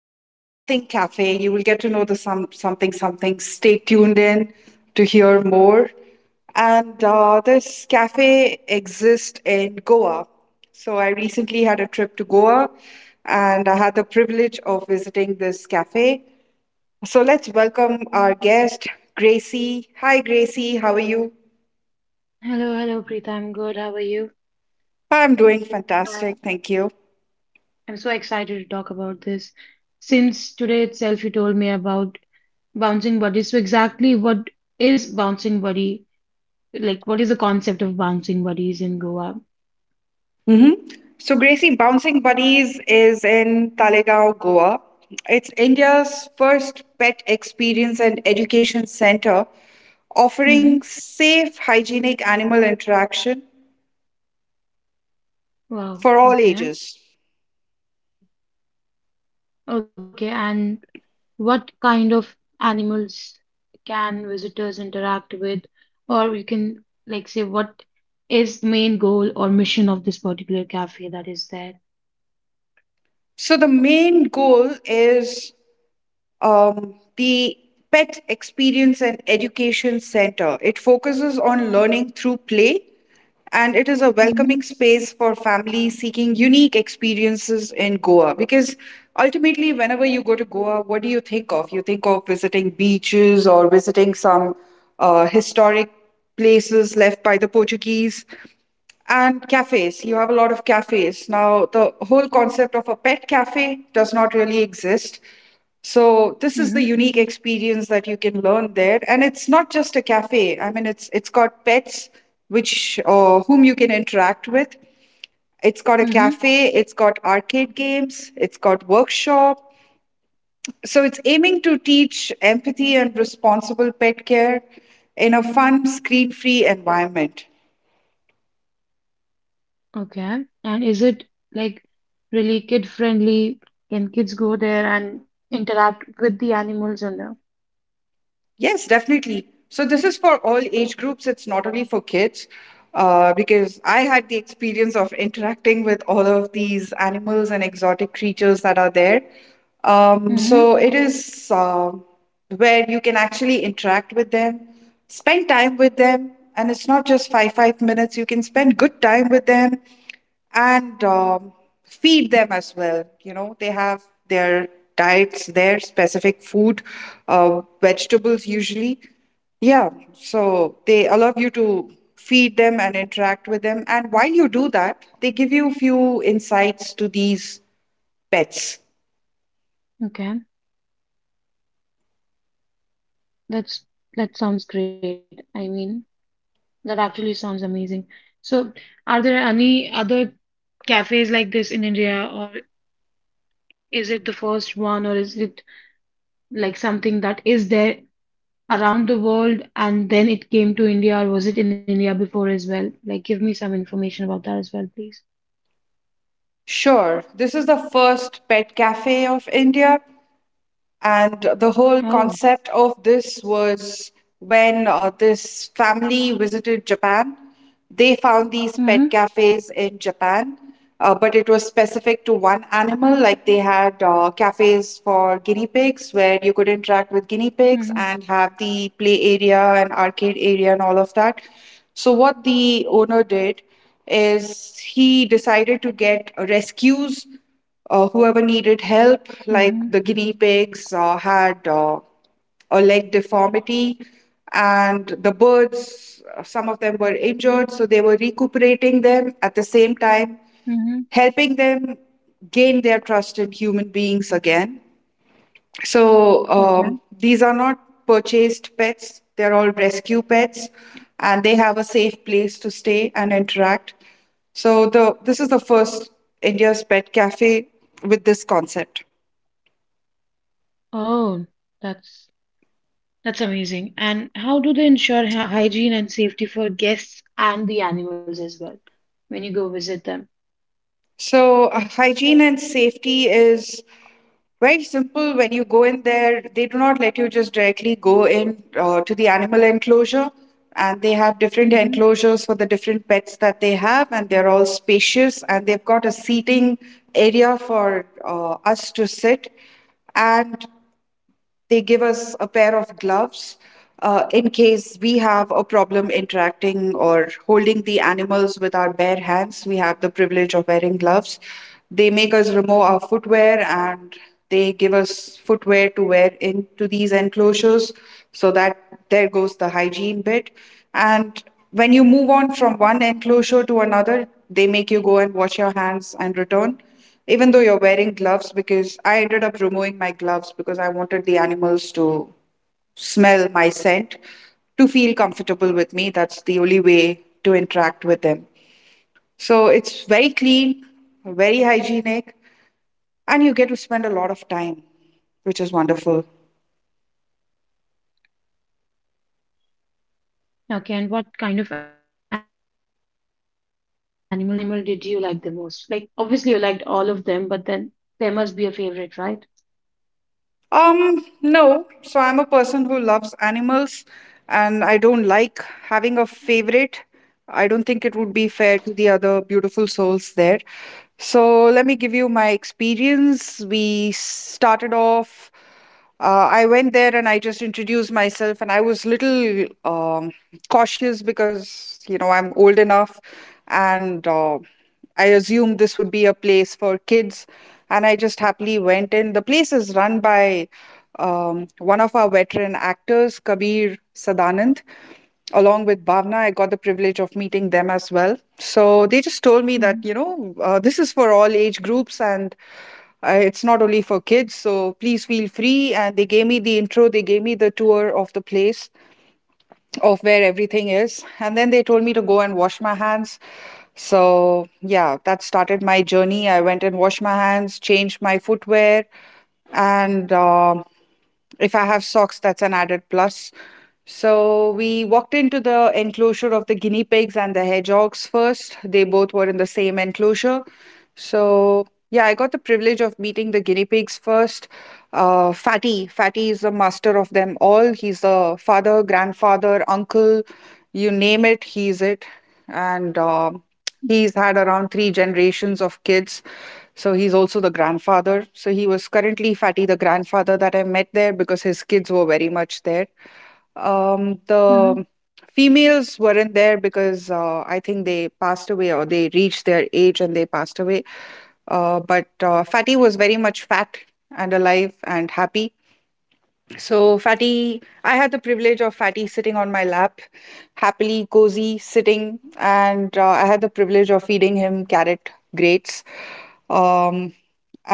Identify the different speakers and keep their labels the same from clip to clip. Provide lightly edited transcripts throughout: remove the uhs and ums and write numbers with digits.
Speaker 1: Something Something Cafe. You will get to know the some something something. Stay tuned in to hear more. And This cafe exists in Goa. So I recently had a trip to Goa, and I had the privilege of visiting this cafe. So let's welcome our guest, Gracie. Hi, Gracie. How are you?
Speaker 2: Hello, hello, Preeta. I'm good. How are you?
Speaker 1: I'm doing
Speaker 2: I
Speaker 1: fantastic. Thank you.
Speaker 2: am so excited to talk about this. Since today itself, you told me about bouncing bodies. So, exactly what is bouncing body? What is the concept of bouncing bodies in Goa?
Speaker 1: hmm So, Gracie, Bouncing Buddies is in Talegaon, Goa. It's India's first pet experience and education center offering
Speaker 2: Mm-hmm.
Speaker 1: safe, hygienic animal interaction
Speaker 2: Wow.
Speaker 1: for all
Speaker 2: Okay.
Speaker 1: ages.
Speaker 2: Okay. And what kind of animals can visitors interact with? Or we can, say, what is the main goal or mission of this particular cafe that is there?
Speaker 1: So, the main goal is the Pet Experience and Education Center. It focuses on learning through play, and it is a
Speaker 2: Mm-hmm.
Speaker 1: welcoming space for families seeking unique experiences in Goa. Because ultimately, whenever you go to Goa, what do you think of? You think of visiting beaches or visiting some historic places left by the Portuguese, and cafes. You have a lot of cafes. Now, the whole concept of a pet cafe does not really exist. So this is the unique experience that you can learn there, and it's not just a cafe. I mean, it's got pets which whom you can interact with. It's got a
Speaker 2: Mm-hmm.
Speaker 1: cafe. It's got arcade games. It's got workshop. So it's aiming to teach empathy and responsible pet care in a fun, screen-free environment.
Speaker 2: Okay. And is it like really kid friendly? Can kids go there and interact with the animals on there?
Speaker 1: Yes, definitely. So this is for all age groups. It's not only for kids, because I had the experience of interacting with all of these animals and exotic creatures that are there. Um,
Speaker 2: Mm-hmm.
Speaker 1: so it is where you can actually interact with them, spend time with them, and it's not just five minutes. You can spend good time with them, and feed them as well. They have their diets, their specific food, vegetables usually. Yeah, so they allow you to feed them and interact with them. And while you do that, they give you few insights to these pets.
Speaker 2: Okay. That's that sounds great. I mean, that actually sounds amazing. So, are there any other cafes like this in India, or is it the first one, or is it like something that is there around the world and then it came to India, or was it in India before as well? Give me some information about that as well, please.
Speaker 1: Sure, this is the first pet cafe of India. And the whole
Speaker 2: Oh.
Speaker 1: concept of this was when this family visited Japan, they found these
Speaker 2: Mm-hmm.
Speaker 1: pet cafes in Japan, but it was specific to one animal. Like they had cafes for guinea pigs where you could interact with guinea pigs
Speaker 2: Mm-hmm.
Speaker 1: and have the play area and arcade area and all of that. So, what the owner did is he decided to get rescues, whoever needed help, like
Speaker 2: Mm-hmm.
Speaker 1: the guinea pigs, had a leg deformity, and the birds, some of them were injured, so they were recuperating them, at the same time
Speaker 2: Mm-hmm.
Speaker 1: helping them gain their trust in human beings again. So
Speaker 2: Okay.
Speaker 1: um, these are not purchased pets, they're all rescue pets, and they have a safe place to stay and interact. So the this is the first India's pet cafe with this concept.
Speaker 2: Oh, that's that's amazing. And how do they ensure hygiene and safety for guests and the animals as well when you go visit them?
Speaker 1: So, hygiene and safety is very simple. When you go in there, they do not let you just directly go in to the animal enclosure, and they have different
Speaker 2: Mm-hmm.
Speaker 1: enclosures for the different pets that they have, and they're all spacious, and they've got a seating area for us to sit. And they give us a pair of gloves in case we have a problem interacting or holding the animals with our bare hands. We have the privilege of wearing gloves. They make us remove our footwear and they give us footwear to wear into these enclosures, so that there goes the hygiene bit. And when you move on from one enclosure to another, they make you go and wash your hands and return. Even though you're wearing gloves, because I ended up removing my gloves because I wanted the animals to smell my scent, to feel comfortable with me. That's the only way to interact with them. So it's very clean, very hygienic, and you get to spend a lot of time, which is wonderful.
Speaker 2: Okay. And what kind of animals did you interact with in particular? And which animal did you like the most? Like, obviously, you liked all of them, but then there must be a favorite, right?
Speaker 1: No. So I'm a person who loves animals and I don't like having a favorite. I don't think it would be fair to the other beautiful souls there. So let me give you my experience. We started off. I went there and I just introduced myself, and I was little cautious because you know I'm old enough, and I assumed this would be a place for kids, and I just happily went in. The place is run by one of our veteran actors, Kabir Sadanand, along with Bhavna. I got the privilege of meeting them as well. So they just told me that,
Speaker 2: Mm-hmm.
Speaker 1: this is for all age groups and it's not only for kids, so please feel free. And they gave me the intro, they gave me the tour of the place of where everything is. And then they told me to go and wash my hands. So, yeah, that started my journey. I went and washed my hands, changed my footwear, and if I have socks, that's an added plus. So, we walked into the enclosure of the guinea pigs and the hedgehogs first. They both were in the same enclosure. So, yeah, I got the privilege of meeting the guinea pigs first. Fatty. Is the master of them all. He's the father, grandfather, uncle, you name it, he's it. And he's had around three generations of kids. So he's also the grandfather. So he was currently Fatty, the grandfather that I met there, because his kids were very much there. The females weren't there because I think they passed away, or they reached their age and they passed away, but Fatty was very much fat and alive and happy. So, Fatty, I had the privilege of Fatty sitting on my lap, happily, cozy, sitting, and I had the privilege of feeding him carrot grates. Um,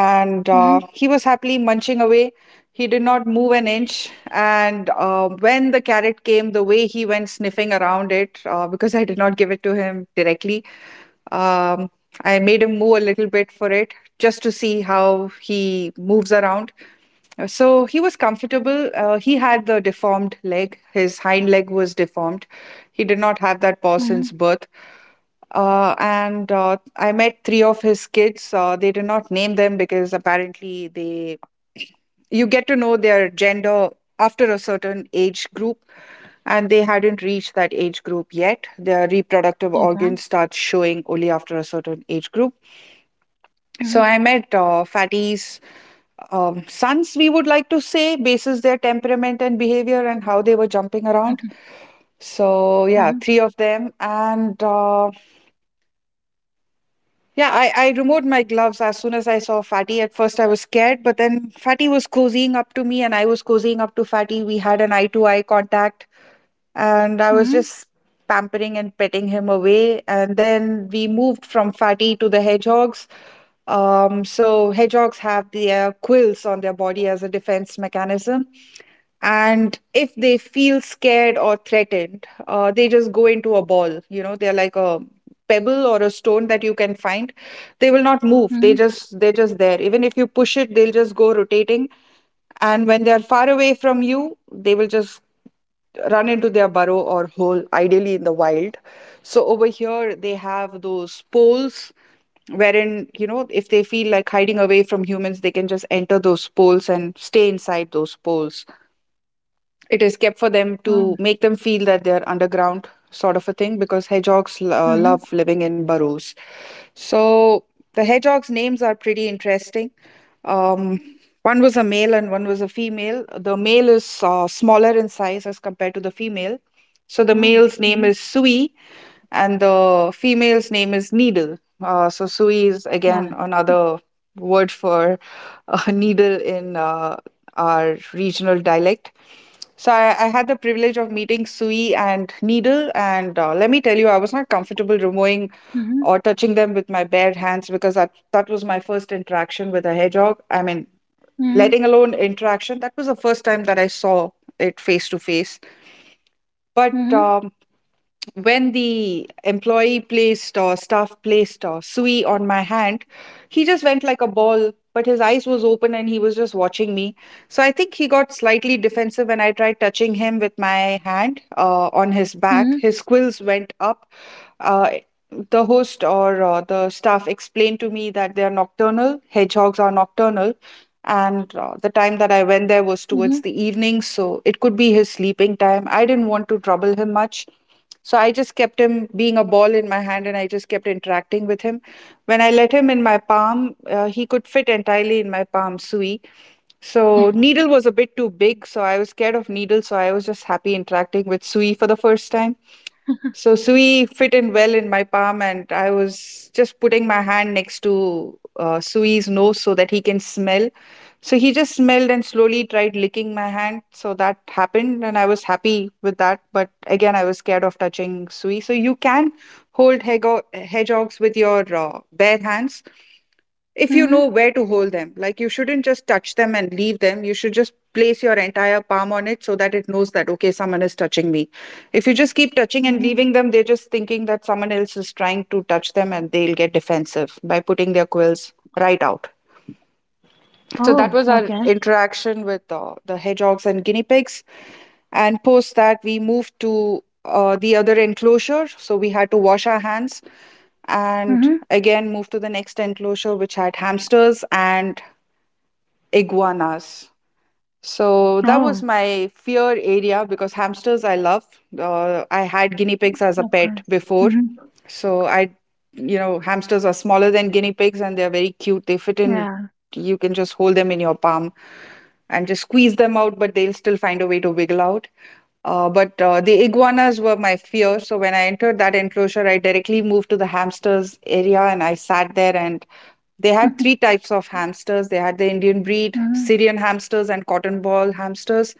Speaker 3: Mhm,
Speaker 1: he was happily munching away. He did not move an inch. And when the carrot came, the way he went sniffing around it, because I did not give it to him directly, um, I made him move a little bit for it just to see how he moves around. So he was comfortable. He had the deformed leg, his hind leg was deformed. He did not have that paw since
Speaker 3: mhm,
Speaker 1: birth. And I met three of his kids. They did not name them because apparently they you get to know their gender after a certain age group and they hadn't reached that age group yet. Their reproductive
Speaker 3: okay.
Speaker 1: organs start showing only after a certain age group. So
Speaker 3: Mhm,
Speaker 1: I met Fatty's sons, we would like to say, basis their temperament and behavior and how they were jumping around. So yeah,
Speaker 3: mhm,
Speaker 1: three of them. And yeah, I removed my gloves as soon as I saw Fatty. At first I was scared, but then Fatty was cozying up to me and I was cozying up to Fatty. We had an eye to eye contact, and I was
Speaker 3: mhm,
Speaker 1: just pampering and petting him away. And then we moved from Fatty to the hedgehogs. So hedgehogs have their quills on their body as a defense mechanism, and if they feel scared or threatened, they just go into a ball. They're like a pebble or a stone that you can find. They will not move. They
Speaker 3: mhm.
Speaker 1: just they're just there. Even if you push it, they'll just go rotating. And when they're far away from you, they will just run into their burrow or hole, ideally in the wild. So over here, they have those poles wherein, if they feel like hiding away from humans, they can just enter those poles and stay inside those poles. It is kept for them to
Speaker 3: Oh,
Speaker 1: make them feel that they're underground, sort of a thing, because hedgehogs love
Speaker 3: mhm.
Speaker 1: living in burrows. So the hedgehogs' names are pretty interesting. Um, one was a male and one was a female. The male is smaller in size as compared to the female. So the male's
Speaker 3: Oh,
Speaker 1: name is
Speaker 3: mhm.
Speaker 1: Sui and the female's name is Needle. So Sui is again
Speaker 3: Yeah.
Speaker 1: another word for needle in our regional dialect. So I had the privilege of meeting Sui and Needle, and let me tell you, I was not comfortable removing or
Speaker 3: Mhm,
Speaker 1: touching them with my bare hands, because that was my first interaction with a hedgehog. I mean, letting
Speaker 3: mhm,
Speaker 1: alone interaction, that was the first time that I saw it face to face. But
Speaker 3: mhm,
Speaker 1: when the employee placed or staff placed a Sui on my hand, he just went like a ball, but his eyes was open and he was just watching me. So I think he got slightly defensive. When I tried touching him with my hand, on his back
Speaker 3: mhm,
Speaker 1: his quills went up. uh, the host or the staff explained to me that they are nocturnal. Hedgehogs are nocturnal, and the time that
Speaker 3: mhm.
Speaker 1: I went there was towards the evening, so it could be his sleeping time. I didn't want to trouble him much, so I just kept him being a ball in my hand and I just kept interacting with him. When I let him in my palm, he could fit entirely in my palm, Sui. So Needle was a bit too big, so I was scared of Needle, so I was just happy interacting with Sui for the first time. So Sui fit in well in my palm, and I was just putting my hand next to Sui's nose so that he can smell. So he just smelled and slowly tried licking my hand. So that happened, and I was happy with that. But again, I was scared of touching Sui. So you can hold hedgehogs with your bare hands if you know
Speaker 3: Mhm,
Speaker 1: where to hold them. Like, you shouldn't just touch them and leave them. You should just place your entire palm on it so that it knows that, okay, someone is touching me. If you just keep touching and
Speaker 3: mhm.
Speaker 1: leaving them, they're just thinking that someone else is trying to touch them and they'll get defensive by putting their quills right out. So that
Speaker 3: Oh,
Speaker 1: was our
Speaker 3: okay.
Speaker 1: interaction with the hedgehogs and guinea pigs. And post that, we moved to the other enclosure. So we had to wash our hands and
Speaker 3: Mhm.
Speaker 1: again moved to the next enclosure, which had hamsters and iguanas. So that
Speaker 3: Oh,
Speaker 1: was my fear area because hamsters I love. I had guinea pigs as a
Speaker 3: of
Speaker 1: pet
Speaker 3: course.
Speaker 1: before.
Speaker 3: Mhm.
Speaker 1: So hamsters are smaller than guinea pigs and they're very cute. They fit in,
Speaker 3: Yeah.
Speaker 1: you can just hold them in your palm and just squeeze them out, but they'll still find a way to wiggle out. But the iguanas were my fear. So when I entered that enclosure, I directly moved to the hamsters area and I sat there, and they had three types of hamsters. They had the Indian breed,
Speaker 3: Mhm,
Speaker 1: Syrian hamsters, and cotton ball hamsters.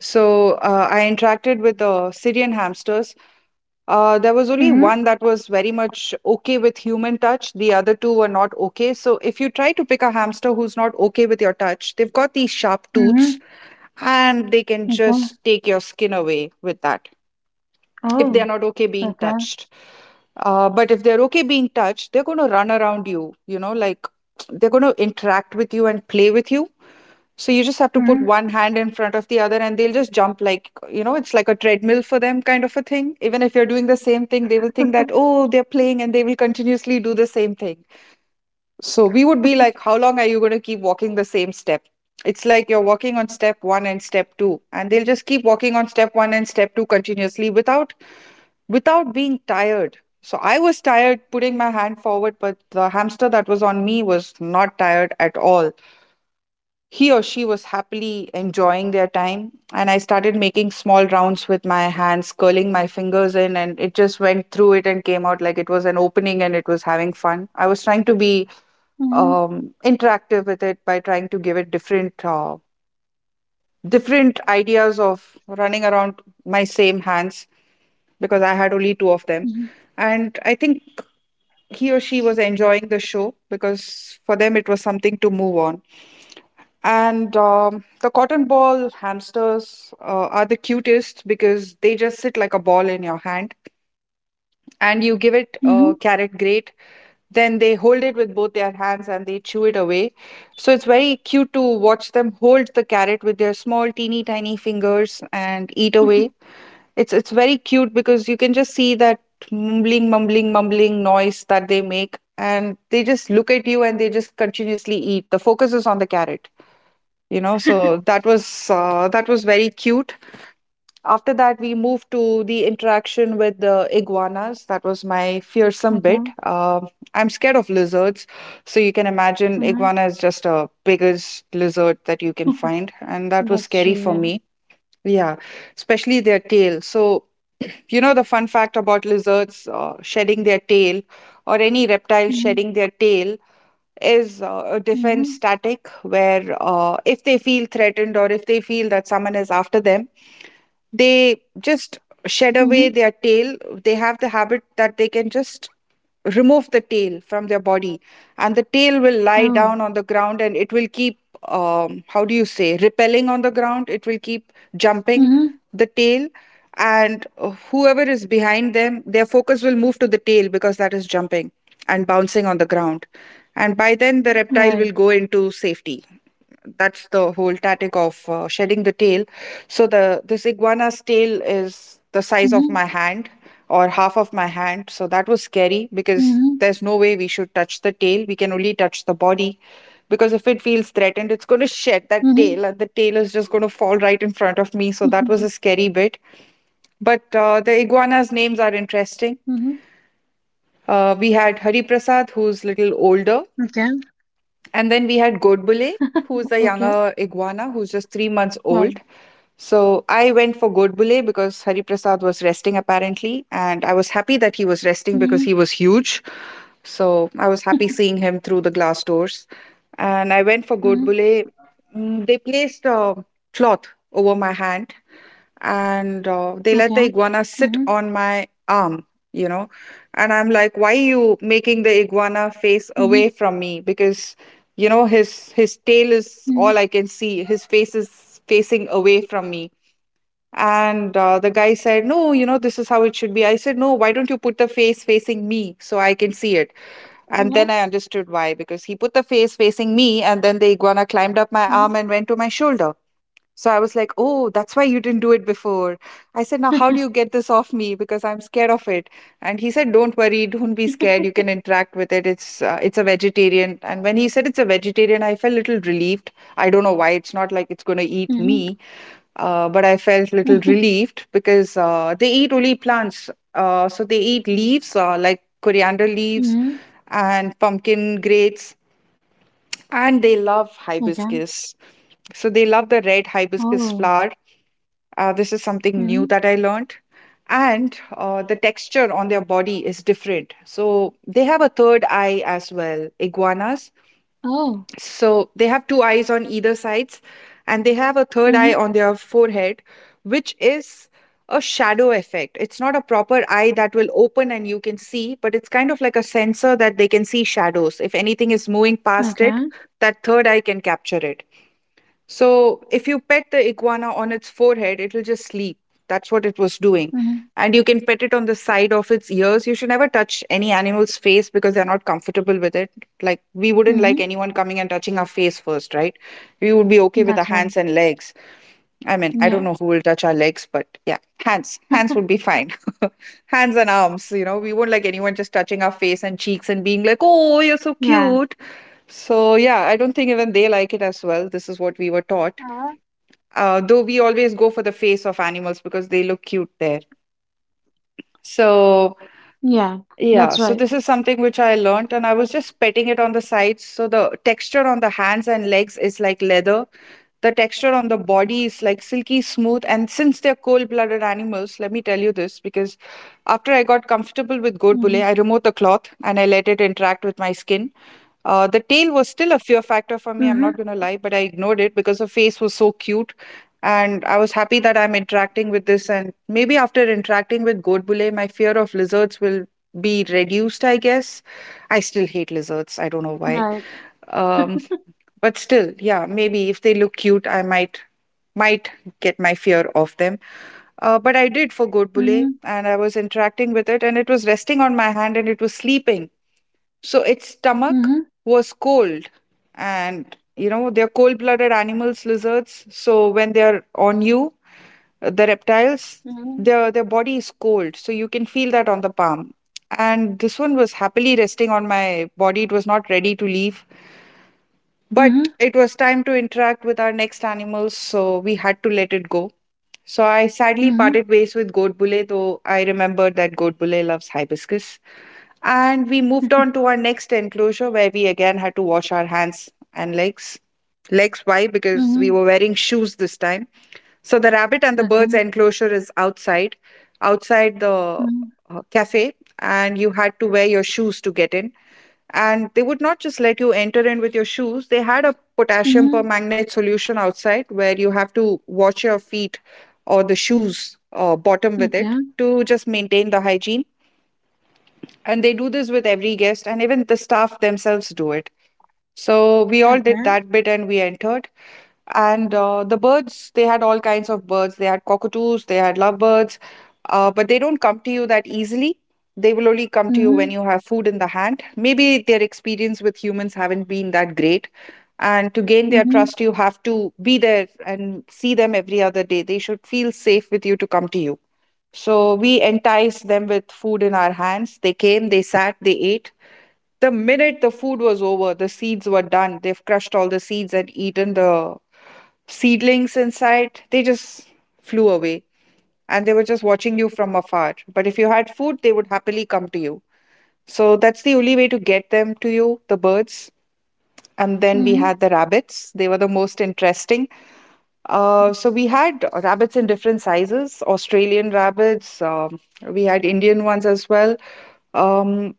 Speaker 1: So I interacted with the Syrian hamsters. There was only
Speaker 3: mhm,
Speaker 1: one that was very much okay with human touch. The other two were not okay. So if you try to pick a hamster who's not okay with your touch, they've got these sharp tooths
Speaker 3: mhm.
Speaker 1: and they can
Speaker 3: Okay.
Speaker 1: just take your skin away with that if they're
Speaker 3: Oh,
Speaker 1: not okay being
Speaker 3: okay.
Speaker 1: touched. But if they're okay being touched, they're going to run around you, like they're going to interact with you and play with you. So you just have to put
Speaker 3: Mhm,
Speaker 1: one hand in front of the other and they'll just jump like, it's like a treadmill for them kind of a thing. Even if you're doing the same thing, they will think that, oh, they're playing, and they will continuously do the same thing. So we would be like, how long are you going to keep walking the same step? It's like you're walking on step one and step two, and they'll just keep walking on step one and step two continuously without being tired. So I was tired putting my hand forward, but the hamster that was on me was not tired at all. He or she was happily enjoying their time, and I started making small rounds with my hands, curling my fingers in, and it just went through it and came out like it was an opening and it was having fun. I was trying to be
Speaker 3: mhm,
Speaker 1: interactive with it by trying to give it different ideas of running around my same hands because I had only two of them,
Speaker 3: mhm,
Speaker 1: and I think he or she was enjoying the show because for them it was something to move on. And the cotton ball hamsters are the cutest because they just sit like a ball in your hand and you give it
Speaker 3: mhm.
Speaker 1: a carrot grate. Then they hold it with both their hands and they chew it away. So it's very cute to watch them hold the carrot with their small, teeny, tiny fingers and eat away. It's very cute because you can just see that mumbling, mumbling, mumbling noise that they make, and they just look at you and they just continuously eat. The focus is on the carrot. So that was uh, that was very cute. After that, we moved to the interaction with the iguanas. That was my fearsome
Speaker 3: Okay.
Speaker 1: bit. I'm scared of lizards, so you can imagine
Speaker 3: Mhm.
Speaker 1: iguana is just a biggest lizard that you can find, and that was
Speaker 3: That's
Speaker 1: scary
Speaker 3: true,
Speaker 1: for
Speaker 3: yeah.
Speaker 1: me. Yeah, especially their tail. So you know the fun fact about lizards shedding their tail, or any reptile
Speaker 3: Mhm,
Speaker 1: shedding their tail, is a
Speaker 3: mhm,
Speaker 1: defense static where if they feel threatened or if they feel that someone is after them, they
Speaker 3: mhm.
Speaker 1: just shed away their tail. They have the habit that they can just remove the tail from their body, and the tail
Speaker 3: Oh,
Speaker 1: will lie down on the ground, and it will keep, how do you say, repelling on the ground. It will keep jumping
Speaker 3: mhm.
Speaker 1: the tail, and whoever is behind them, their focus will move to the tail because that is jumping and bouncing on the ground. And by then, the reptile
Speaker 3: Right.
Speaker 1: will go into safety. That's the whole tactic of shedding the tail. So the this iguana's
Speaker 3: Mhm.
Speaker 1: tail is the size of my hand or half of my
Speaker 3: Mhm.
Speaker 1: hand. So that was scary because there's no way we should touch the tail. We can only touch the body because if it feels threatened, it's
Speaker 3: Mhm.
Speaker 1: going to shed that tail and the tail is just going to fall right in front
Speaker 3: Mhm.
Speaker 1: of me. So that was a scary bit. But the
Speaker 3: Mhm.
Speaker 1: iguanas' names are interesting. We had Hari Prasad,
Speaker 3: Okay.
Speaker 1: who's little older, and then we had
Speaker 3: Okay.
Speaker 1: Godbole, who's a younger iguana who's
Speaker 3: Wow.
Speaker 1: just 3 months old. So I went for Godbole because Hari Prasad was resting apparently, and I was happy that he was
Speaker 3: Mhm.
Speaker 1: resting because he was huge. So I was happy seeing him through the glass doors. And I went for
Speaker 3: Mhm.
Speaker 1: Godbole. They placed a cloth over my hand,
Speaker 3: Okay.
Speaker 1: and
Speaker 3: Mhm.
Speaker 1: they let the iguana sit on my arm, you know. And I'm like, why you
Speaker 3: Mhm.
Speaker 1: making the iguana face away from me, because
Speaker 3: Mhm.
Speaker 1: his tail is all I can see, his face is facing away from me. And the guy said, no, this is how it should be. I said, no, why don't you put the face facing me so I can see it?
Speaker 3: Mhm.
Speaker 1: And then I understood
Speaker 3: Mhm.
Speaker 1: why, because he put the face facing me, and then the iguana climbed up my arm and went to my shoulder. So I was like, oh, that's why you didn't do it before. I said, now how do you get this off me? Because I'm scared of it. And he said, don't worry, don't be scared. You can interact with it. It's a vegetarian. And when he said it's a vegetarian, I felt a little relieved. I don't know why. It's not like
Speaker 3: Mhm.
Speaker 1: it's going to eat me, but I
Speaker 3: Mhm.
Speaker 1: felt a little relieved because they eat only plants. So they eat leaves like coriander leaves
Speaker 3: Mhm.
Speaker 1: and pumpkin grates, and they love
Speaker 3: Okay.
Speaker 1: hibiscus. So they love the red hibiscus
Speaker 3: Oh.
Speaker 1: flower. This is something new
Speaker 3: Mhm.
Speaker 1: that I learned. And the texture on their body is different. So they have a third eye as well. Iguanas,
Speaker 3: Oh.
Speaker 1: so they have two eyes on either sides, and they have a third
Speaker 3: Mhm.
Speaker 1: eye on their forehead, which is a shadow effect. It's not a proper eye that will open and you can see, but it's kind of like a sensor that they can see shadows. If anything is moving past it,
Speaker 3: Okay.
Speaker 1: that third eye can capture it. So if you pet the iguana on its forehead, it will just sleep. That's what it was doing.
Speaker 3: Mhm.
Speaker 1: And you can pet it on the side of its ears. You should never touch any animal's face because they're not comfortable with it. Like, we wouldn't like
Speaker 3: Mhm.
Speaker 1: anyone coming and touching our face first, right? We would be okay with the
Speaker 3: That's right.
Speaker 1: hands and legs. I mean, I don't
Speaker 3: Yeah.
Speaker 1: know who will touch our legs, but yeah, hands. Hands would be fine. Hands and arms, we won't like anyone just touching our face and cheeks and being like, oh, you're so
Speaker 3: Yeah.
Speaker 1: cute. So yeah, I don't think even they like it as well. This is what we were taught
Speaker 3: Uh-huh.
Speaker 1: though we always go for the face of animals because they look cute there.
Speaker 3: Yeah. That's
Speaker 1: So,
Speaker 3: right.
Speaker 1: yeah, so this is something which I learned, and I was just petting it on the sides. So, the texture on the hands and legs is like leather, the texture on the body is like silky smooth. And since they're cold blooded animals, let me tell you this because
Speaker 3: Mhm.
Speaker 1: after I got comfortable with goat bulle, I removed the cloth and I let it interact with my skin. The tail was
Speaker 3: Mhm.
Speaker 1: still a fear factor for me, I'm not gonna lie, but I ignored it because the face was so cute. And I was happy that I'm interacting with this. And maybe after interacting with Godbole, my fear of lizards will be reduced, I guess. I still hate lizards. I don't know
Speaker 3: Right.
Speaker 1: why. Um, but still, yeah, maybe if they look cute, I might might get my fear off them. But I did for
Speaker 3: Mhm.
Speaker 1: Godbole, and I was interacting with it, and it was resting on my hand, and it was sleeping. So its
Speaker 3: Mhm.
Speaker 1: stomach was cold. And, you know, they're cold blooded animals, lizards. So when they're on you, the reptiles,
Speaker 3: Mhm.
Speaker 1: their body is cold. So you can feel that on the palm. And this one was happily resting on my body. It was not ready to leave.
Speaker 3: Mhm.
Speaker 1: But it was time to interact with our next animals. So we had to let it go. So I sadly
Speaker 3: Mhm.
Speaker 1: parted ways with Goat Bule, though I remembered that Goat Bule loves hibiscus. And we moved on to our next enclosure where we again had to wash our hands and legs. Legs, why? Because we
Speaker 3: Mhm.
Speaker 1: were wearing shoes this time. So the rabbit and the
Speaker 3: Okay.
Speaker 1: bird's enclosure is outside, outside the
Speaker 3: 嗯
Speaker 1: uh, cafe, and you had to wear your shoes to get in. And they would not just let you enter in with your shoes. They had a potassium
Speaker 3: 嗯
Speaker 1: permanganate solution outside where you have to wash your feet or the shoes bottom with it
Speaker 3: ，okay
Speaker 1: to just maintain the hygiene. And they do this with every guest, and even the staff themselves do it. So we
Speaker 3: o
Speaker 1: all
Speaker 3: k
Speaker 1: did
Speaker 3: a
Speaker 1: that bit and we entered. And the birds, they had all kinds of birds. They had cockatoos, they had lovebirds, but they don't come to you that easily. They will only come to you when
Speaker 3: 嗯
Speaker 1: you have food in the hand. Maybe their experience with humans haven't been that great. And to gain
Speaker 3: 嗯
Speaker 1: their
Speaker 3: 嗯
Speaker 1: trust, you have to be there and see them every other day. They should feel safe with you to come to you. So we enticed them with food in our hands. They came, they sat, they ate. The minute the food was over, the seeds were done. They've crushed all the seeds and eaten the seedlings inside. They just flew away and they were just watching you from afar. But if you had food, they would happily come to you. So that's the only way to get them to you, the birds. And then we
Speaker 3: 嗯
Speaker 1: had the rabbits. They were the most interesting. So we had rabbits in different sizes, Australian rabbits. We had Indian ones as well. Um,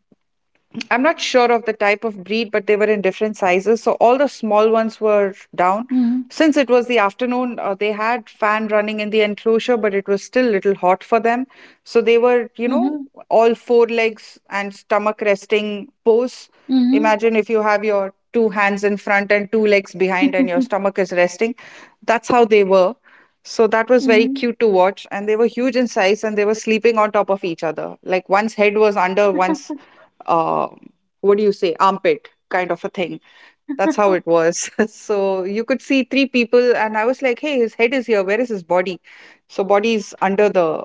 Speaker 1: I'm not sure of the type of breed, but they were in different sizes. So all the small ones were down.
Speaker 3: 嗯
Speaker 1: Since it was the afternoon, they had fan running in the enclosure, but it was still little hot for them. So they were, you know,
Speaker 3: 嗯
Speaker 1: all four legs and stomach resting pose.
Speaker 3: 嗯
Speaker 1: Imagine if you have your two hands in front and two legs behind, and your
Speaker 3: 嗯
Speaker 1: stomach is resting. That's how they were. So that was very
Speaker 3: 嗯
Speaker 1: cute to watch. And they were huge in size and they were sleeping on top of each other. Like one's head was under one's um, what do you say, armpit kind of a thing. That's how it was. So you could see three people, and I was like, hey, his head is here. Where is his body? So, body is under the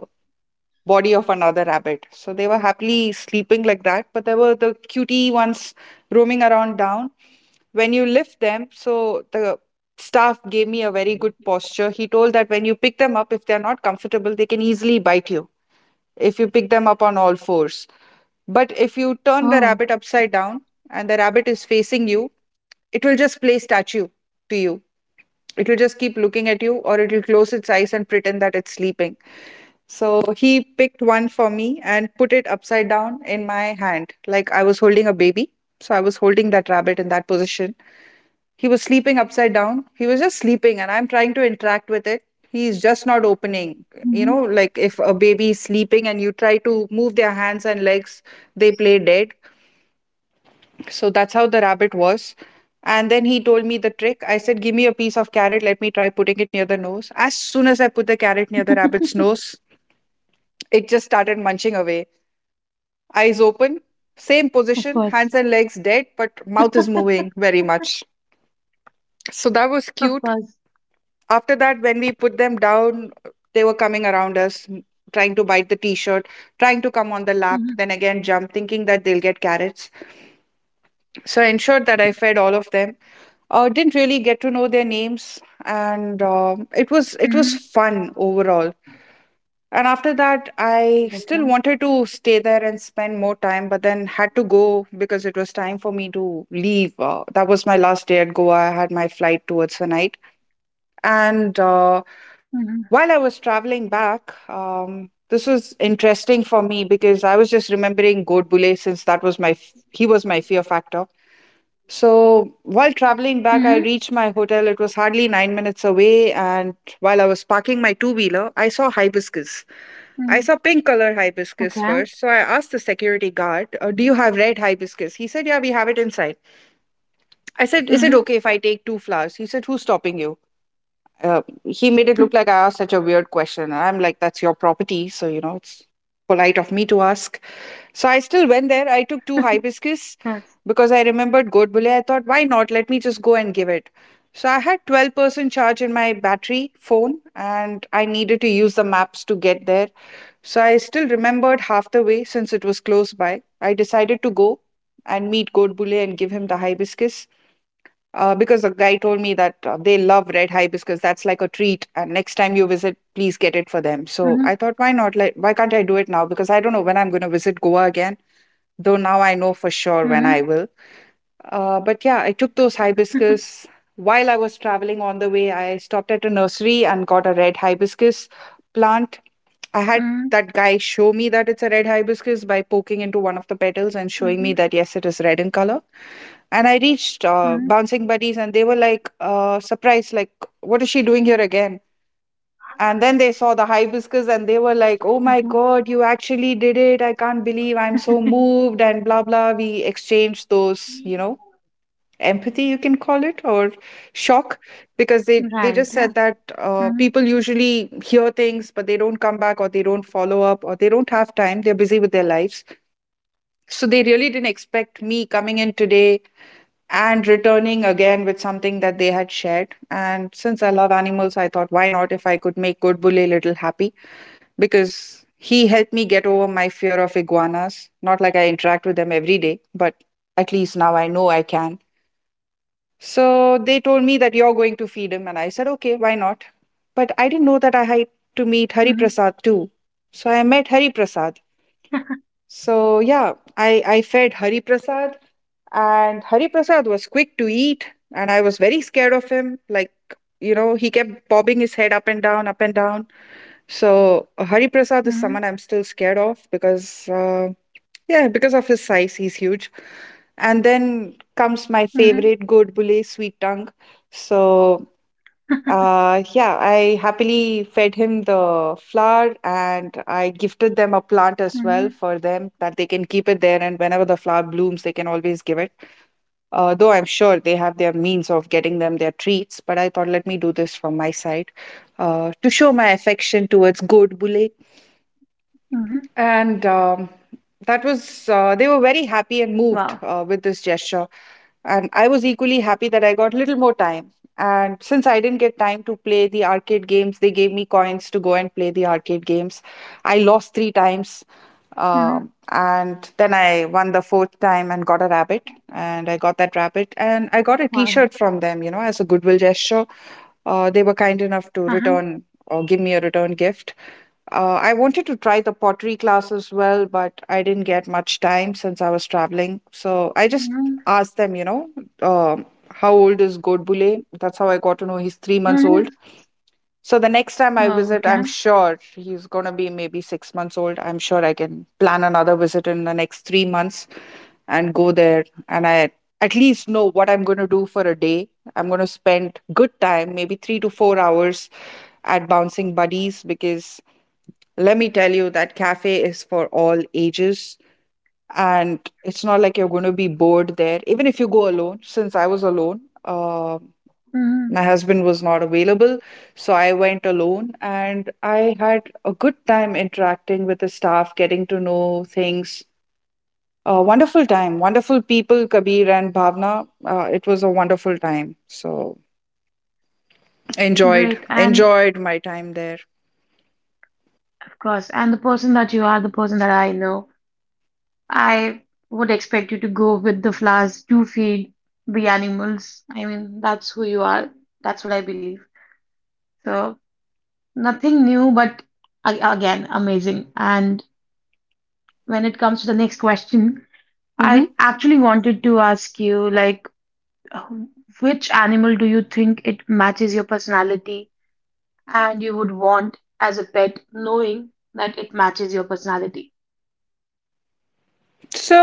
Speaker 1: body of another rabbit. So they were happily sleeping like that, but there were the cutie ones roaming around down. When you lift them, so the staff gave me a very good posture. He told that when you pick them up, if they're not comfortable, they can easily bite you if you pick them up on all fours. But if you turn the
Speaker 3: 哦。
Speaker 1: rabbit upside down and the rabbit is facing you, it will just play statue to you. It will just keep looking at you, or it will close its eyes and pretend that it's sleeping. So he picked one for me and put it upside down in my hand, like I was holding a baby. So I was holding that rabbit in that position. He was sleeping upside down. He was just sleeping, and I'm trying to interact with it. He's just not opening. You know,
Speaker 3: Mhm.
Speaker 1: like if a baby is sleeping and you try to move their hands and legs, they play dead. So that's how the rabbit was. And then he told me the trick. I said, give me a piece of carrot. Let me try putting it near the nose. As soon as I put the carrot near the rabbit's nose, it just started munching away. Eyes open, same
Speaker 3: Of
Speaker 1: position, hands
Speaker 3: course.
Speaker 1: and legs dead, but mouth is moving very much. So that was
Speaker 3: Of
Speaker 1: cute.
Speaker 3: course.
Speaker 1: After that, when we put them down, they were coming around us, trying to bite the t shirt, trying to come on the lap,
Speaker 3: Mhm.
Speaker 1: then again jump, thinking that they'll get carrots. So I ensured that I fed all of them. Didn't really get to know their names, and it was
Speaker 3: Mhm.
Speaker 1: fun overall. And after that,
Speaker 3: Okay.
Speaker 1: I still wanted to stay there and spend more time, but then had to go because it was time for me to leave. That was my last day at Goa. I had my flight towards the night,
Speaker 3: Mhm.
Speaker 1: and while I was traveling back, this was interesting for me because I was just remembering Godbole since that was my he was my fear factor. So
Speaker 3: Mhm.
Speaker 1: while traveling back, I reached my hotel. It was hardly 9 minutes away. And while I was parking my two wheeler, I saw hibiscus.
Speaker 3: Mhm.
Speaker 1: I saw pink color
Speaker 3: Okay.
Speaker 1: hibiscus first. So I asked the security guard, Do you have red hibiscus?" He said, "Yeah, we have it inside." I said, "Is
Speaker 3: Mhm.
Speaker 1: it okay if I take two flowers?" He said, "Who's stopping you?" He made it look like I asked such a weird question. And I'm like, "That's your property. So, you know, it's polite of me to ask."
Speaker 3: Yes.
Speaker 1: So I still went there. I took two hibiscus because I remembered Godbole. I thought, why not? Let me just go and give it. So I had 12% charge in my battery phone and I needed to use the maps to get there. So I still remembered half the way since it was close by. I decided to go and meet Godbole and give him the hibiscus. Because the guy told me
Speaker 3: Uh-huh.
Speaker 1: that they love red hibiscus. That's like a treat. And next time you visit, please get it for
Speaker 3: Mhm.
Speaker 1: them. So I thought, why not? Like, why can't I do it now? Because I don't know when I'm going to visit Goa again, though now I know for
Speaker 3: Mhm.
Speaker 1: sure when I will. But yeah, I took those hibiscus. While I was traveling on the way, I stopped at a nursery and got a red hibiscus plant. I
Speaker 3: Mhm.
Speaker 1: had that guy show me that it's a red hibiscus by poking into one of the petals and
Speaker 3: Mhm.
Speaker 1: showing me that yes, it is red in color. And I reached
Speaker 3: Mhm.
Speaker 1: Bouncing Buddies and they were like surprised, like, what is she doing here again? And then they saw the hibiscus and they were
Speaker 3: Okay.
Speaker 1: like, "Oh my God, you actually did it. I can't believe I'm so moved," and blah, blah. We exchanged those, you know, empathy, you can call it, or shock,
Speaker 3: Right. Yeah.
Speaker 1: because they just said
Speaker 3: Mhm.
Speaker 1: that people usually hear things, but they don't come back or they don't follow up or they don't have time. They're busy with their lives. So they really didn't expect me coming in today and returning again with something that they had shared. And since I love animals, I thought, why not if I could make good Bule a little happy, because he helped me get
Speaker 3: Mhm.
Speaker 1: over my fear of iguanas? Not like I interact with them every day, but at least now I know I can.
Speaker 3: Yeah.
Speaker 1: So they
Speaker 3: That's
Speaker 1: told me
Speaker 3: right.
Speaker 1: that you're going to feed him, and I said, okay, why not? But I didn't know that I had
Speaker 3: Mhm.
Speaker 1: to meet Hari Prasad too. So I met Hari Prasad. So yeah, I fed Hari Prasad, and Hari Prasad was quick to eat, and I was very scared of him. Like, you know, he kept bobbing his head up and down, up and down. So Hari
Speaker 3: Mhm.
Speaker 1: Prasad is someone I'm still scared of because, yeah, because of his size, he's huge. And then comes
Speaker 3: Mhm.
Speaker 1: my favorite goat bule, Sweet Tongue. So yeah, I happily fed him the flower and I gifted them a plant
Speaker 3: Mhm.
Speaker 1: as well for them that they can keep it there. And whenever the flower blooms, they can always give it. Though I'm sure they have their means of getting them their treats, but I thought let me do this from my side to show my
Speaker 3: Mhm.
Speaker 1: affection towards goat bule, and
Speaker 3: Wow.
Speaker 1: that was, they were very happy and moved with this gesture. And I was equally happy that I got little more time. And since I didn't get time to play the arcade games, they gave me coins to go and play the arcade games. I lost three
Speaker 3: Mhm.
Speaker 1: times. And then I won the fourth time and got a rabbit. And I got that rabbit. And I got
Speaker 3: Wow.
Speaker 1: a t shirt from them, you know, as a goodwill gesture. They were kind enough to
Speaker 3: Uh-huh.
Speaker 1: return or give me a return gift. I wanted to try the pottery class as well, but I didn't get much time since I was traveling. So I just
Speaker 3: Mhm.
Speaker 1: asked them, um, how old is Godbole? That's how I got to know he's 3 months
Speaker 3: Mhm.
Speaker 1: old. So the next time I
Speaker 3: Wow.
Speaker 1: visit,
Speaker 3: Okay.
Speaker 1: I'm sure he's going to be maybe 6 months old. I'm sure I can plan another visit in the next 3 months and go there. And I at least know what I'm going to do for a day. I'm going to spend good time, maybe 3 to 4 hours at bouncing buddies, because let me tell you, that cafe is for all ages and it's not like you're going to be bored there even if you go alone. Since I was alone,
Speaker 3: Mhm.
Speaker 1: my husband was not available, so I went alone and I had a good time interacting with the staff, getting to know things. Wonderful time, wonderful people, Kabir and Bhavna. It was a wonderful time. So enjoyed,
Speaker 3: Great. And
Speaker 1: enjoyed my time there.
Speaker 3: of course. And the person that you are, the person that I know, I would expect you to go with the flowers to feed the animals. I mean, that's who you are. That's what I believe. So, nothing new, but again, amazing. And when it comes to the next question,
Speaker 1: hmm
Speaker 3: I actually wanted to ask you, like, which animal do you think it matches your personality and you would want as a pet, knowing that it matches your personality?
Speaker 1: So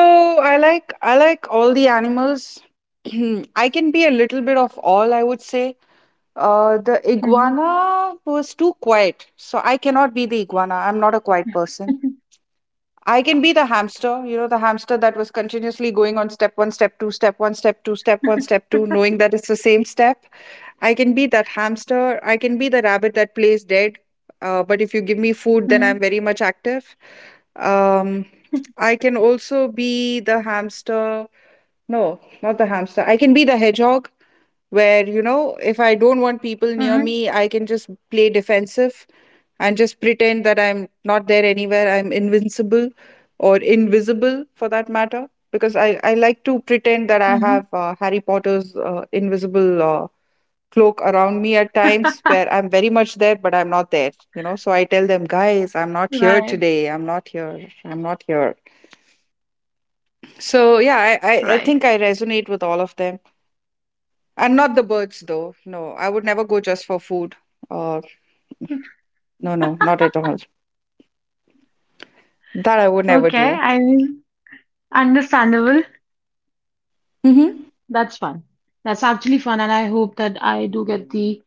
Speaker 1: I like all the animals. I can be a little bit of all, I would say. The iguana was too quiet, so I cannot be the iguana. I'm not a quiet person. I can be the hamster, you know, the hamster that was continuously going on step one, step two, step one, step two, step one, step two, knowing that it's the same step. I can be that hamster. I can be the rabbit that plays dead. But if you give me food, then
Speaker 3: Hmm.
Speaker 1: I'm very much active. Um, I can also be the hamster. No, not the hamster. I can be the hedgehog, where, you know, if
Speaker 3: Mm-hmm.
Speaker 1: I don't want people near me, I can just play defensive and just pretend that I'm not there anywhere. I'm invincible or invisible for that matter. Because I like to pretend
Speaker 3: Mm-hmm.
Speaker 1: that I have Harry Potter's invisible cloak around me at times where I'm very much there, but I'm not there, you know. So I tell them, guys, I'm not
Speaker 3: Right,
Speaker 1: here today. I'm not here. I'm not here. So yeah,
Speaker 3: right.
Speaker 1: I think I resonate with all of them. And not the birds, though. No, I would never go just for food. Uh, no, no, not at all. That I would never
Speaker 3: Okay,
Speaker 1: do.
Speaker 3: I mean, understandable.
Speaker 1: hmm
Speaker 3: That's fun. That's actually fun, and I hope that I do get the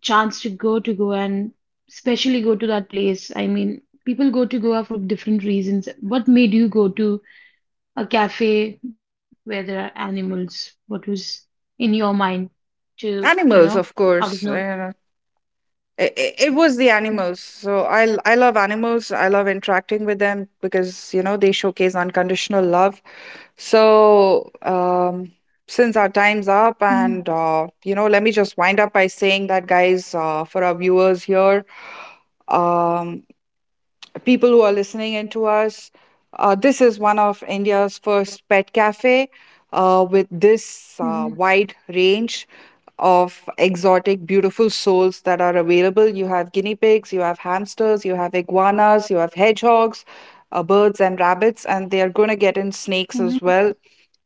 Speaker 3: chance to go to Goa and especially go to that place. I mean, people go to Goa for different reasons. What made you go to a cafe where there are animals? What was in your mind to
Speaker 1: Animals, of
Speaker 3: out of
Speaker 1: course.
Speaker 3: nowhere?
Speaker 1: It was the animals. So I, I love animals. I love interacting with them because, you know, they showcase unconditional love. So since our time's up,
Speaker 3: Mm-hmm,
Speaker 1: and, you know, let me just wind up by saying that, guys, for our viewers here, um, people who are listening in to us, this is one of India's first pet cafe with this
Speaker 3: mm-hmm,
Speaker 1: wide range of exotic, beautiful souls that are available. You have guinea pigs, you have hamsters, you have iguanas, you have hedgehogs, birds, and rabbits, and they are going to get in snakes as
Speaker 3: mm-hmm,
Speaker 1: well.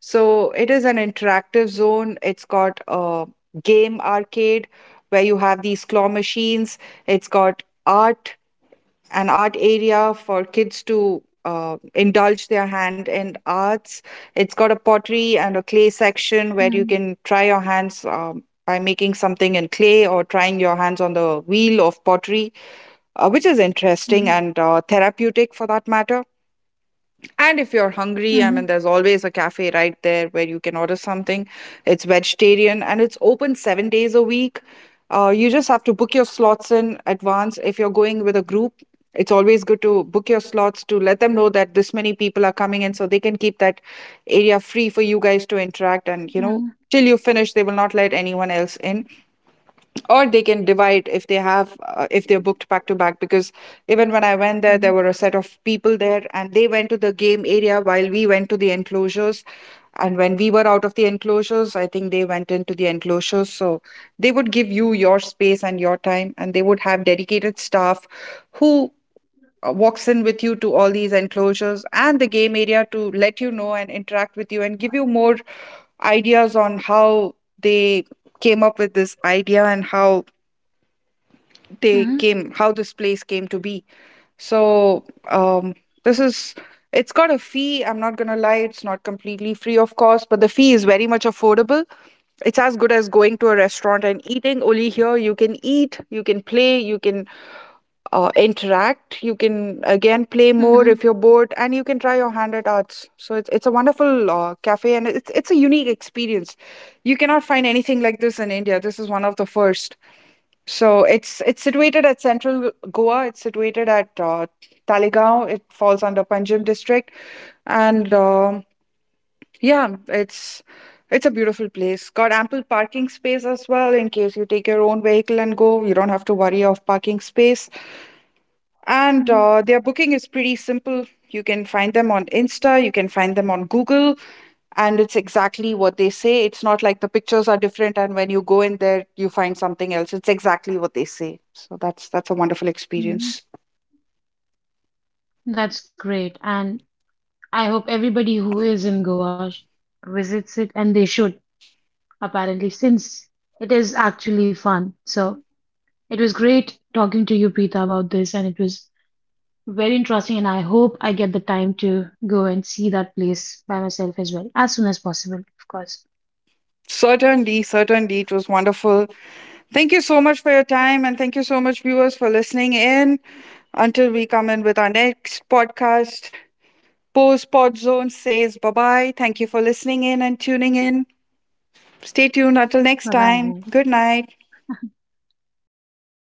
Speaker 1: So it is an interactive zone. It's got a game arcade where you have these claw machines. It's got art an art area for kids to indulge their hand in arts. It's got a pottery and a clay
Speaker 3: mm-hmm,
Speaker 1: section where you can try your hands by making something in clay or trying your hands on the wheel of pottery, which is
Speaker 3: mm-hmm,
Speaker 1: interesting and therapeutic for that matter. And if you're hungry, I mean,
Speaker 3: mm-hmm,
Speaker 1: there's always a cafe right there where you can order something. It's vegetarian and it's open 7 days a week. You just have to book your slots in advance. If you're going with a group, it's always good to book your slots to let them know that this many people are coming in so they can keep that area free for you guys to interact. And, you know,
Speaker 3: mm-hmm,
Speaker 1: till you finish, they will not let anyone else in, or they can divide if they have if they're booked back to back. Because even when I went there, there were a set of people there and they went to the game area while we went to the enclosures, and when we were out of the enclosures, I think they went into the enclosures. So they would give you your space and your time, and they would have dedicated staff who walks in with you to all these enclosures and the game area to let you know and interact with you and give you more ideas on how they came up with this idea and how they
Speaker 3: mm-hmm.
Speaker 1: came how this place came to be. So um this is, it's got a fee, I'm not going to lie, it's not completely free, of course, but the fee is very much affordable. It's as good as going to a restaurant and eating. Only here you can eat, you can play, you can interact. You can again play more if
Speaker 3: Mhm,
Speaker 1: you're bored, and you can try your hand at arts. So it's a wonderful cafe, and it's a unique experience. You cannot find anything like this in India. This is one of the first. So it's situated at central Goa. It's situated at Talegaon. It falls under Panjim district, and yeah, it's a beautiful place. Got ample parking space as well in case you take your own vehicle and go. You don't have to worry of parking space, and
Speaker 3: mhm,
Speaker 1: their booking is pretty simple. You can find them on Insta, you can find them on Google, and it's exactly what they say. It's not like the pictures are different, and when you go in there, you find something else. It's exactly what they say. So that's a wonderful experience.
Speaker 3: mhm. That's great. And I hope everybody who is in Goa visits it, and they should, apparently, since it is actually fun. So it was great talking to you, Preeta, about this, and it was very interesting. And I hope I get the time to go and see that place by myself as well, as soon as possible, of course.
Speaker 1: Certainly, certainly, it was wonderful. Thank you so much for your time, and thank you so much, viewers, for listening in. Until we come in with our next podcast, Post Pod Zone says bye bye. Thank you for listening in and tuning in. Stay tuned until next
Speaker 3: Bye
Speaker 1: time.
Speaker 3: bye.
Speaker 1: Good night.
Speaker 3: Bye bye.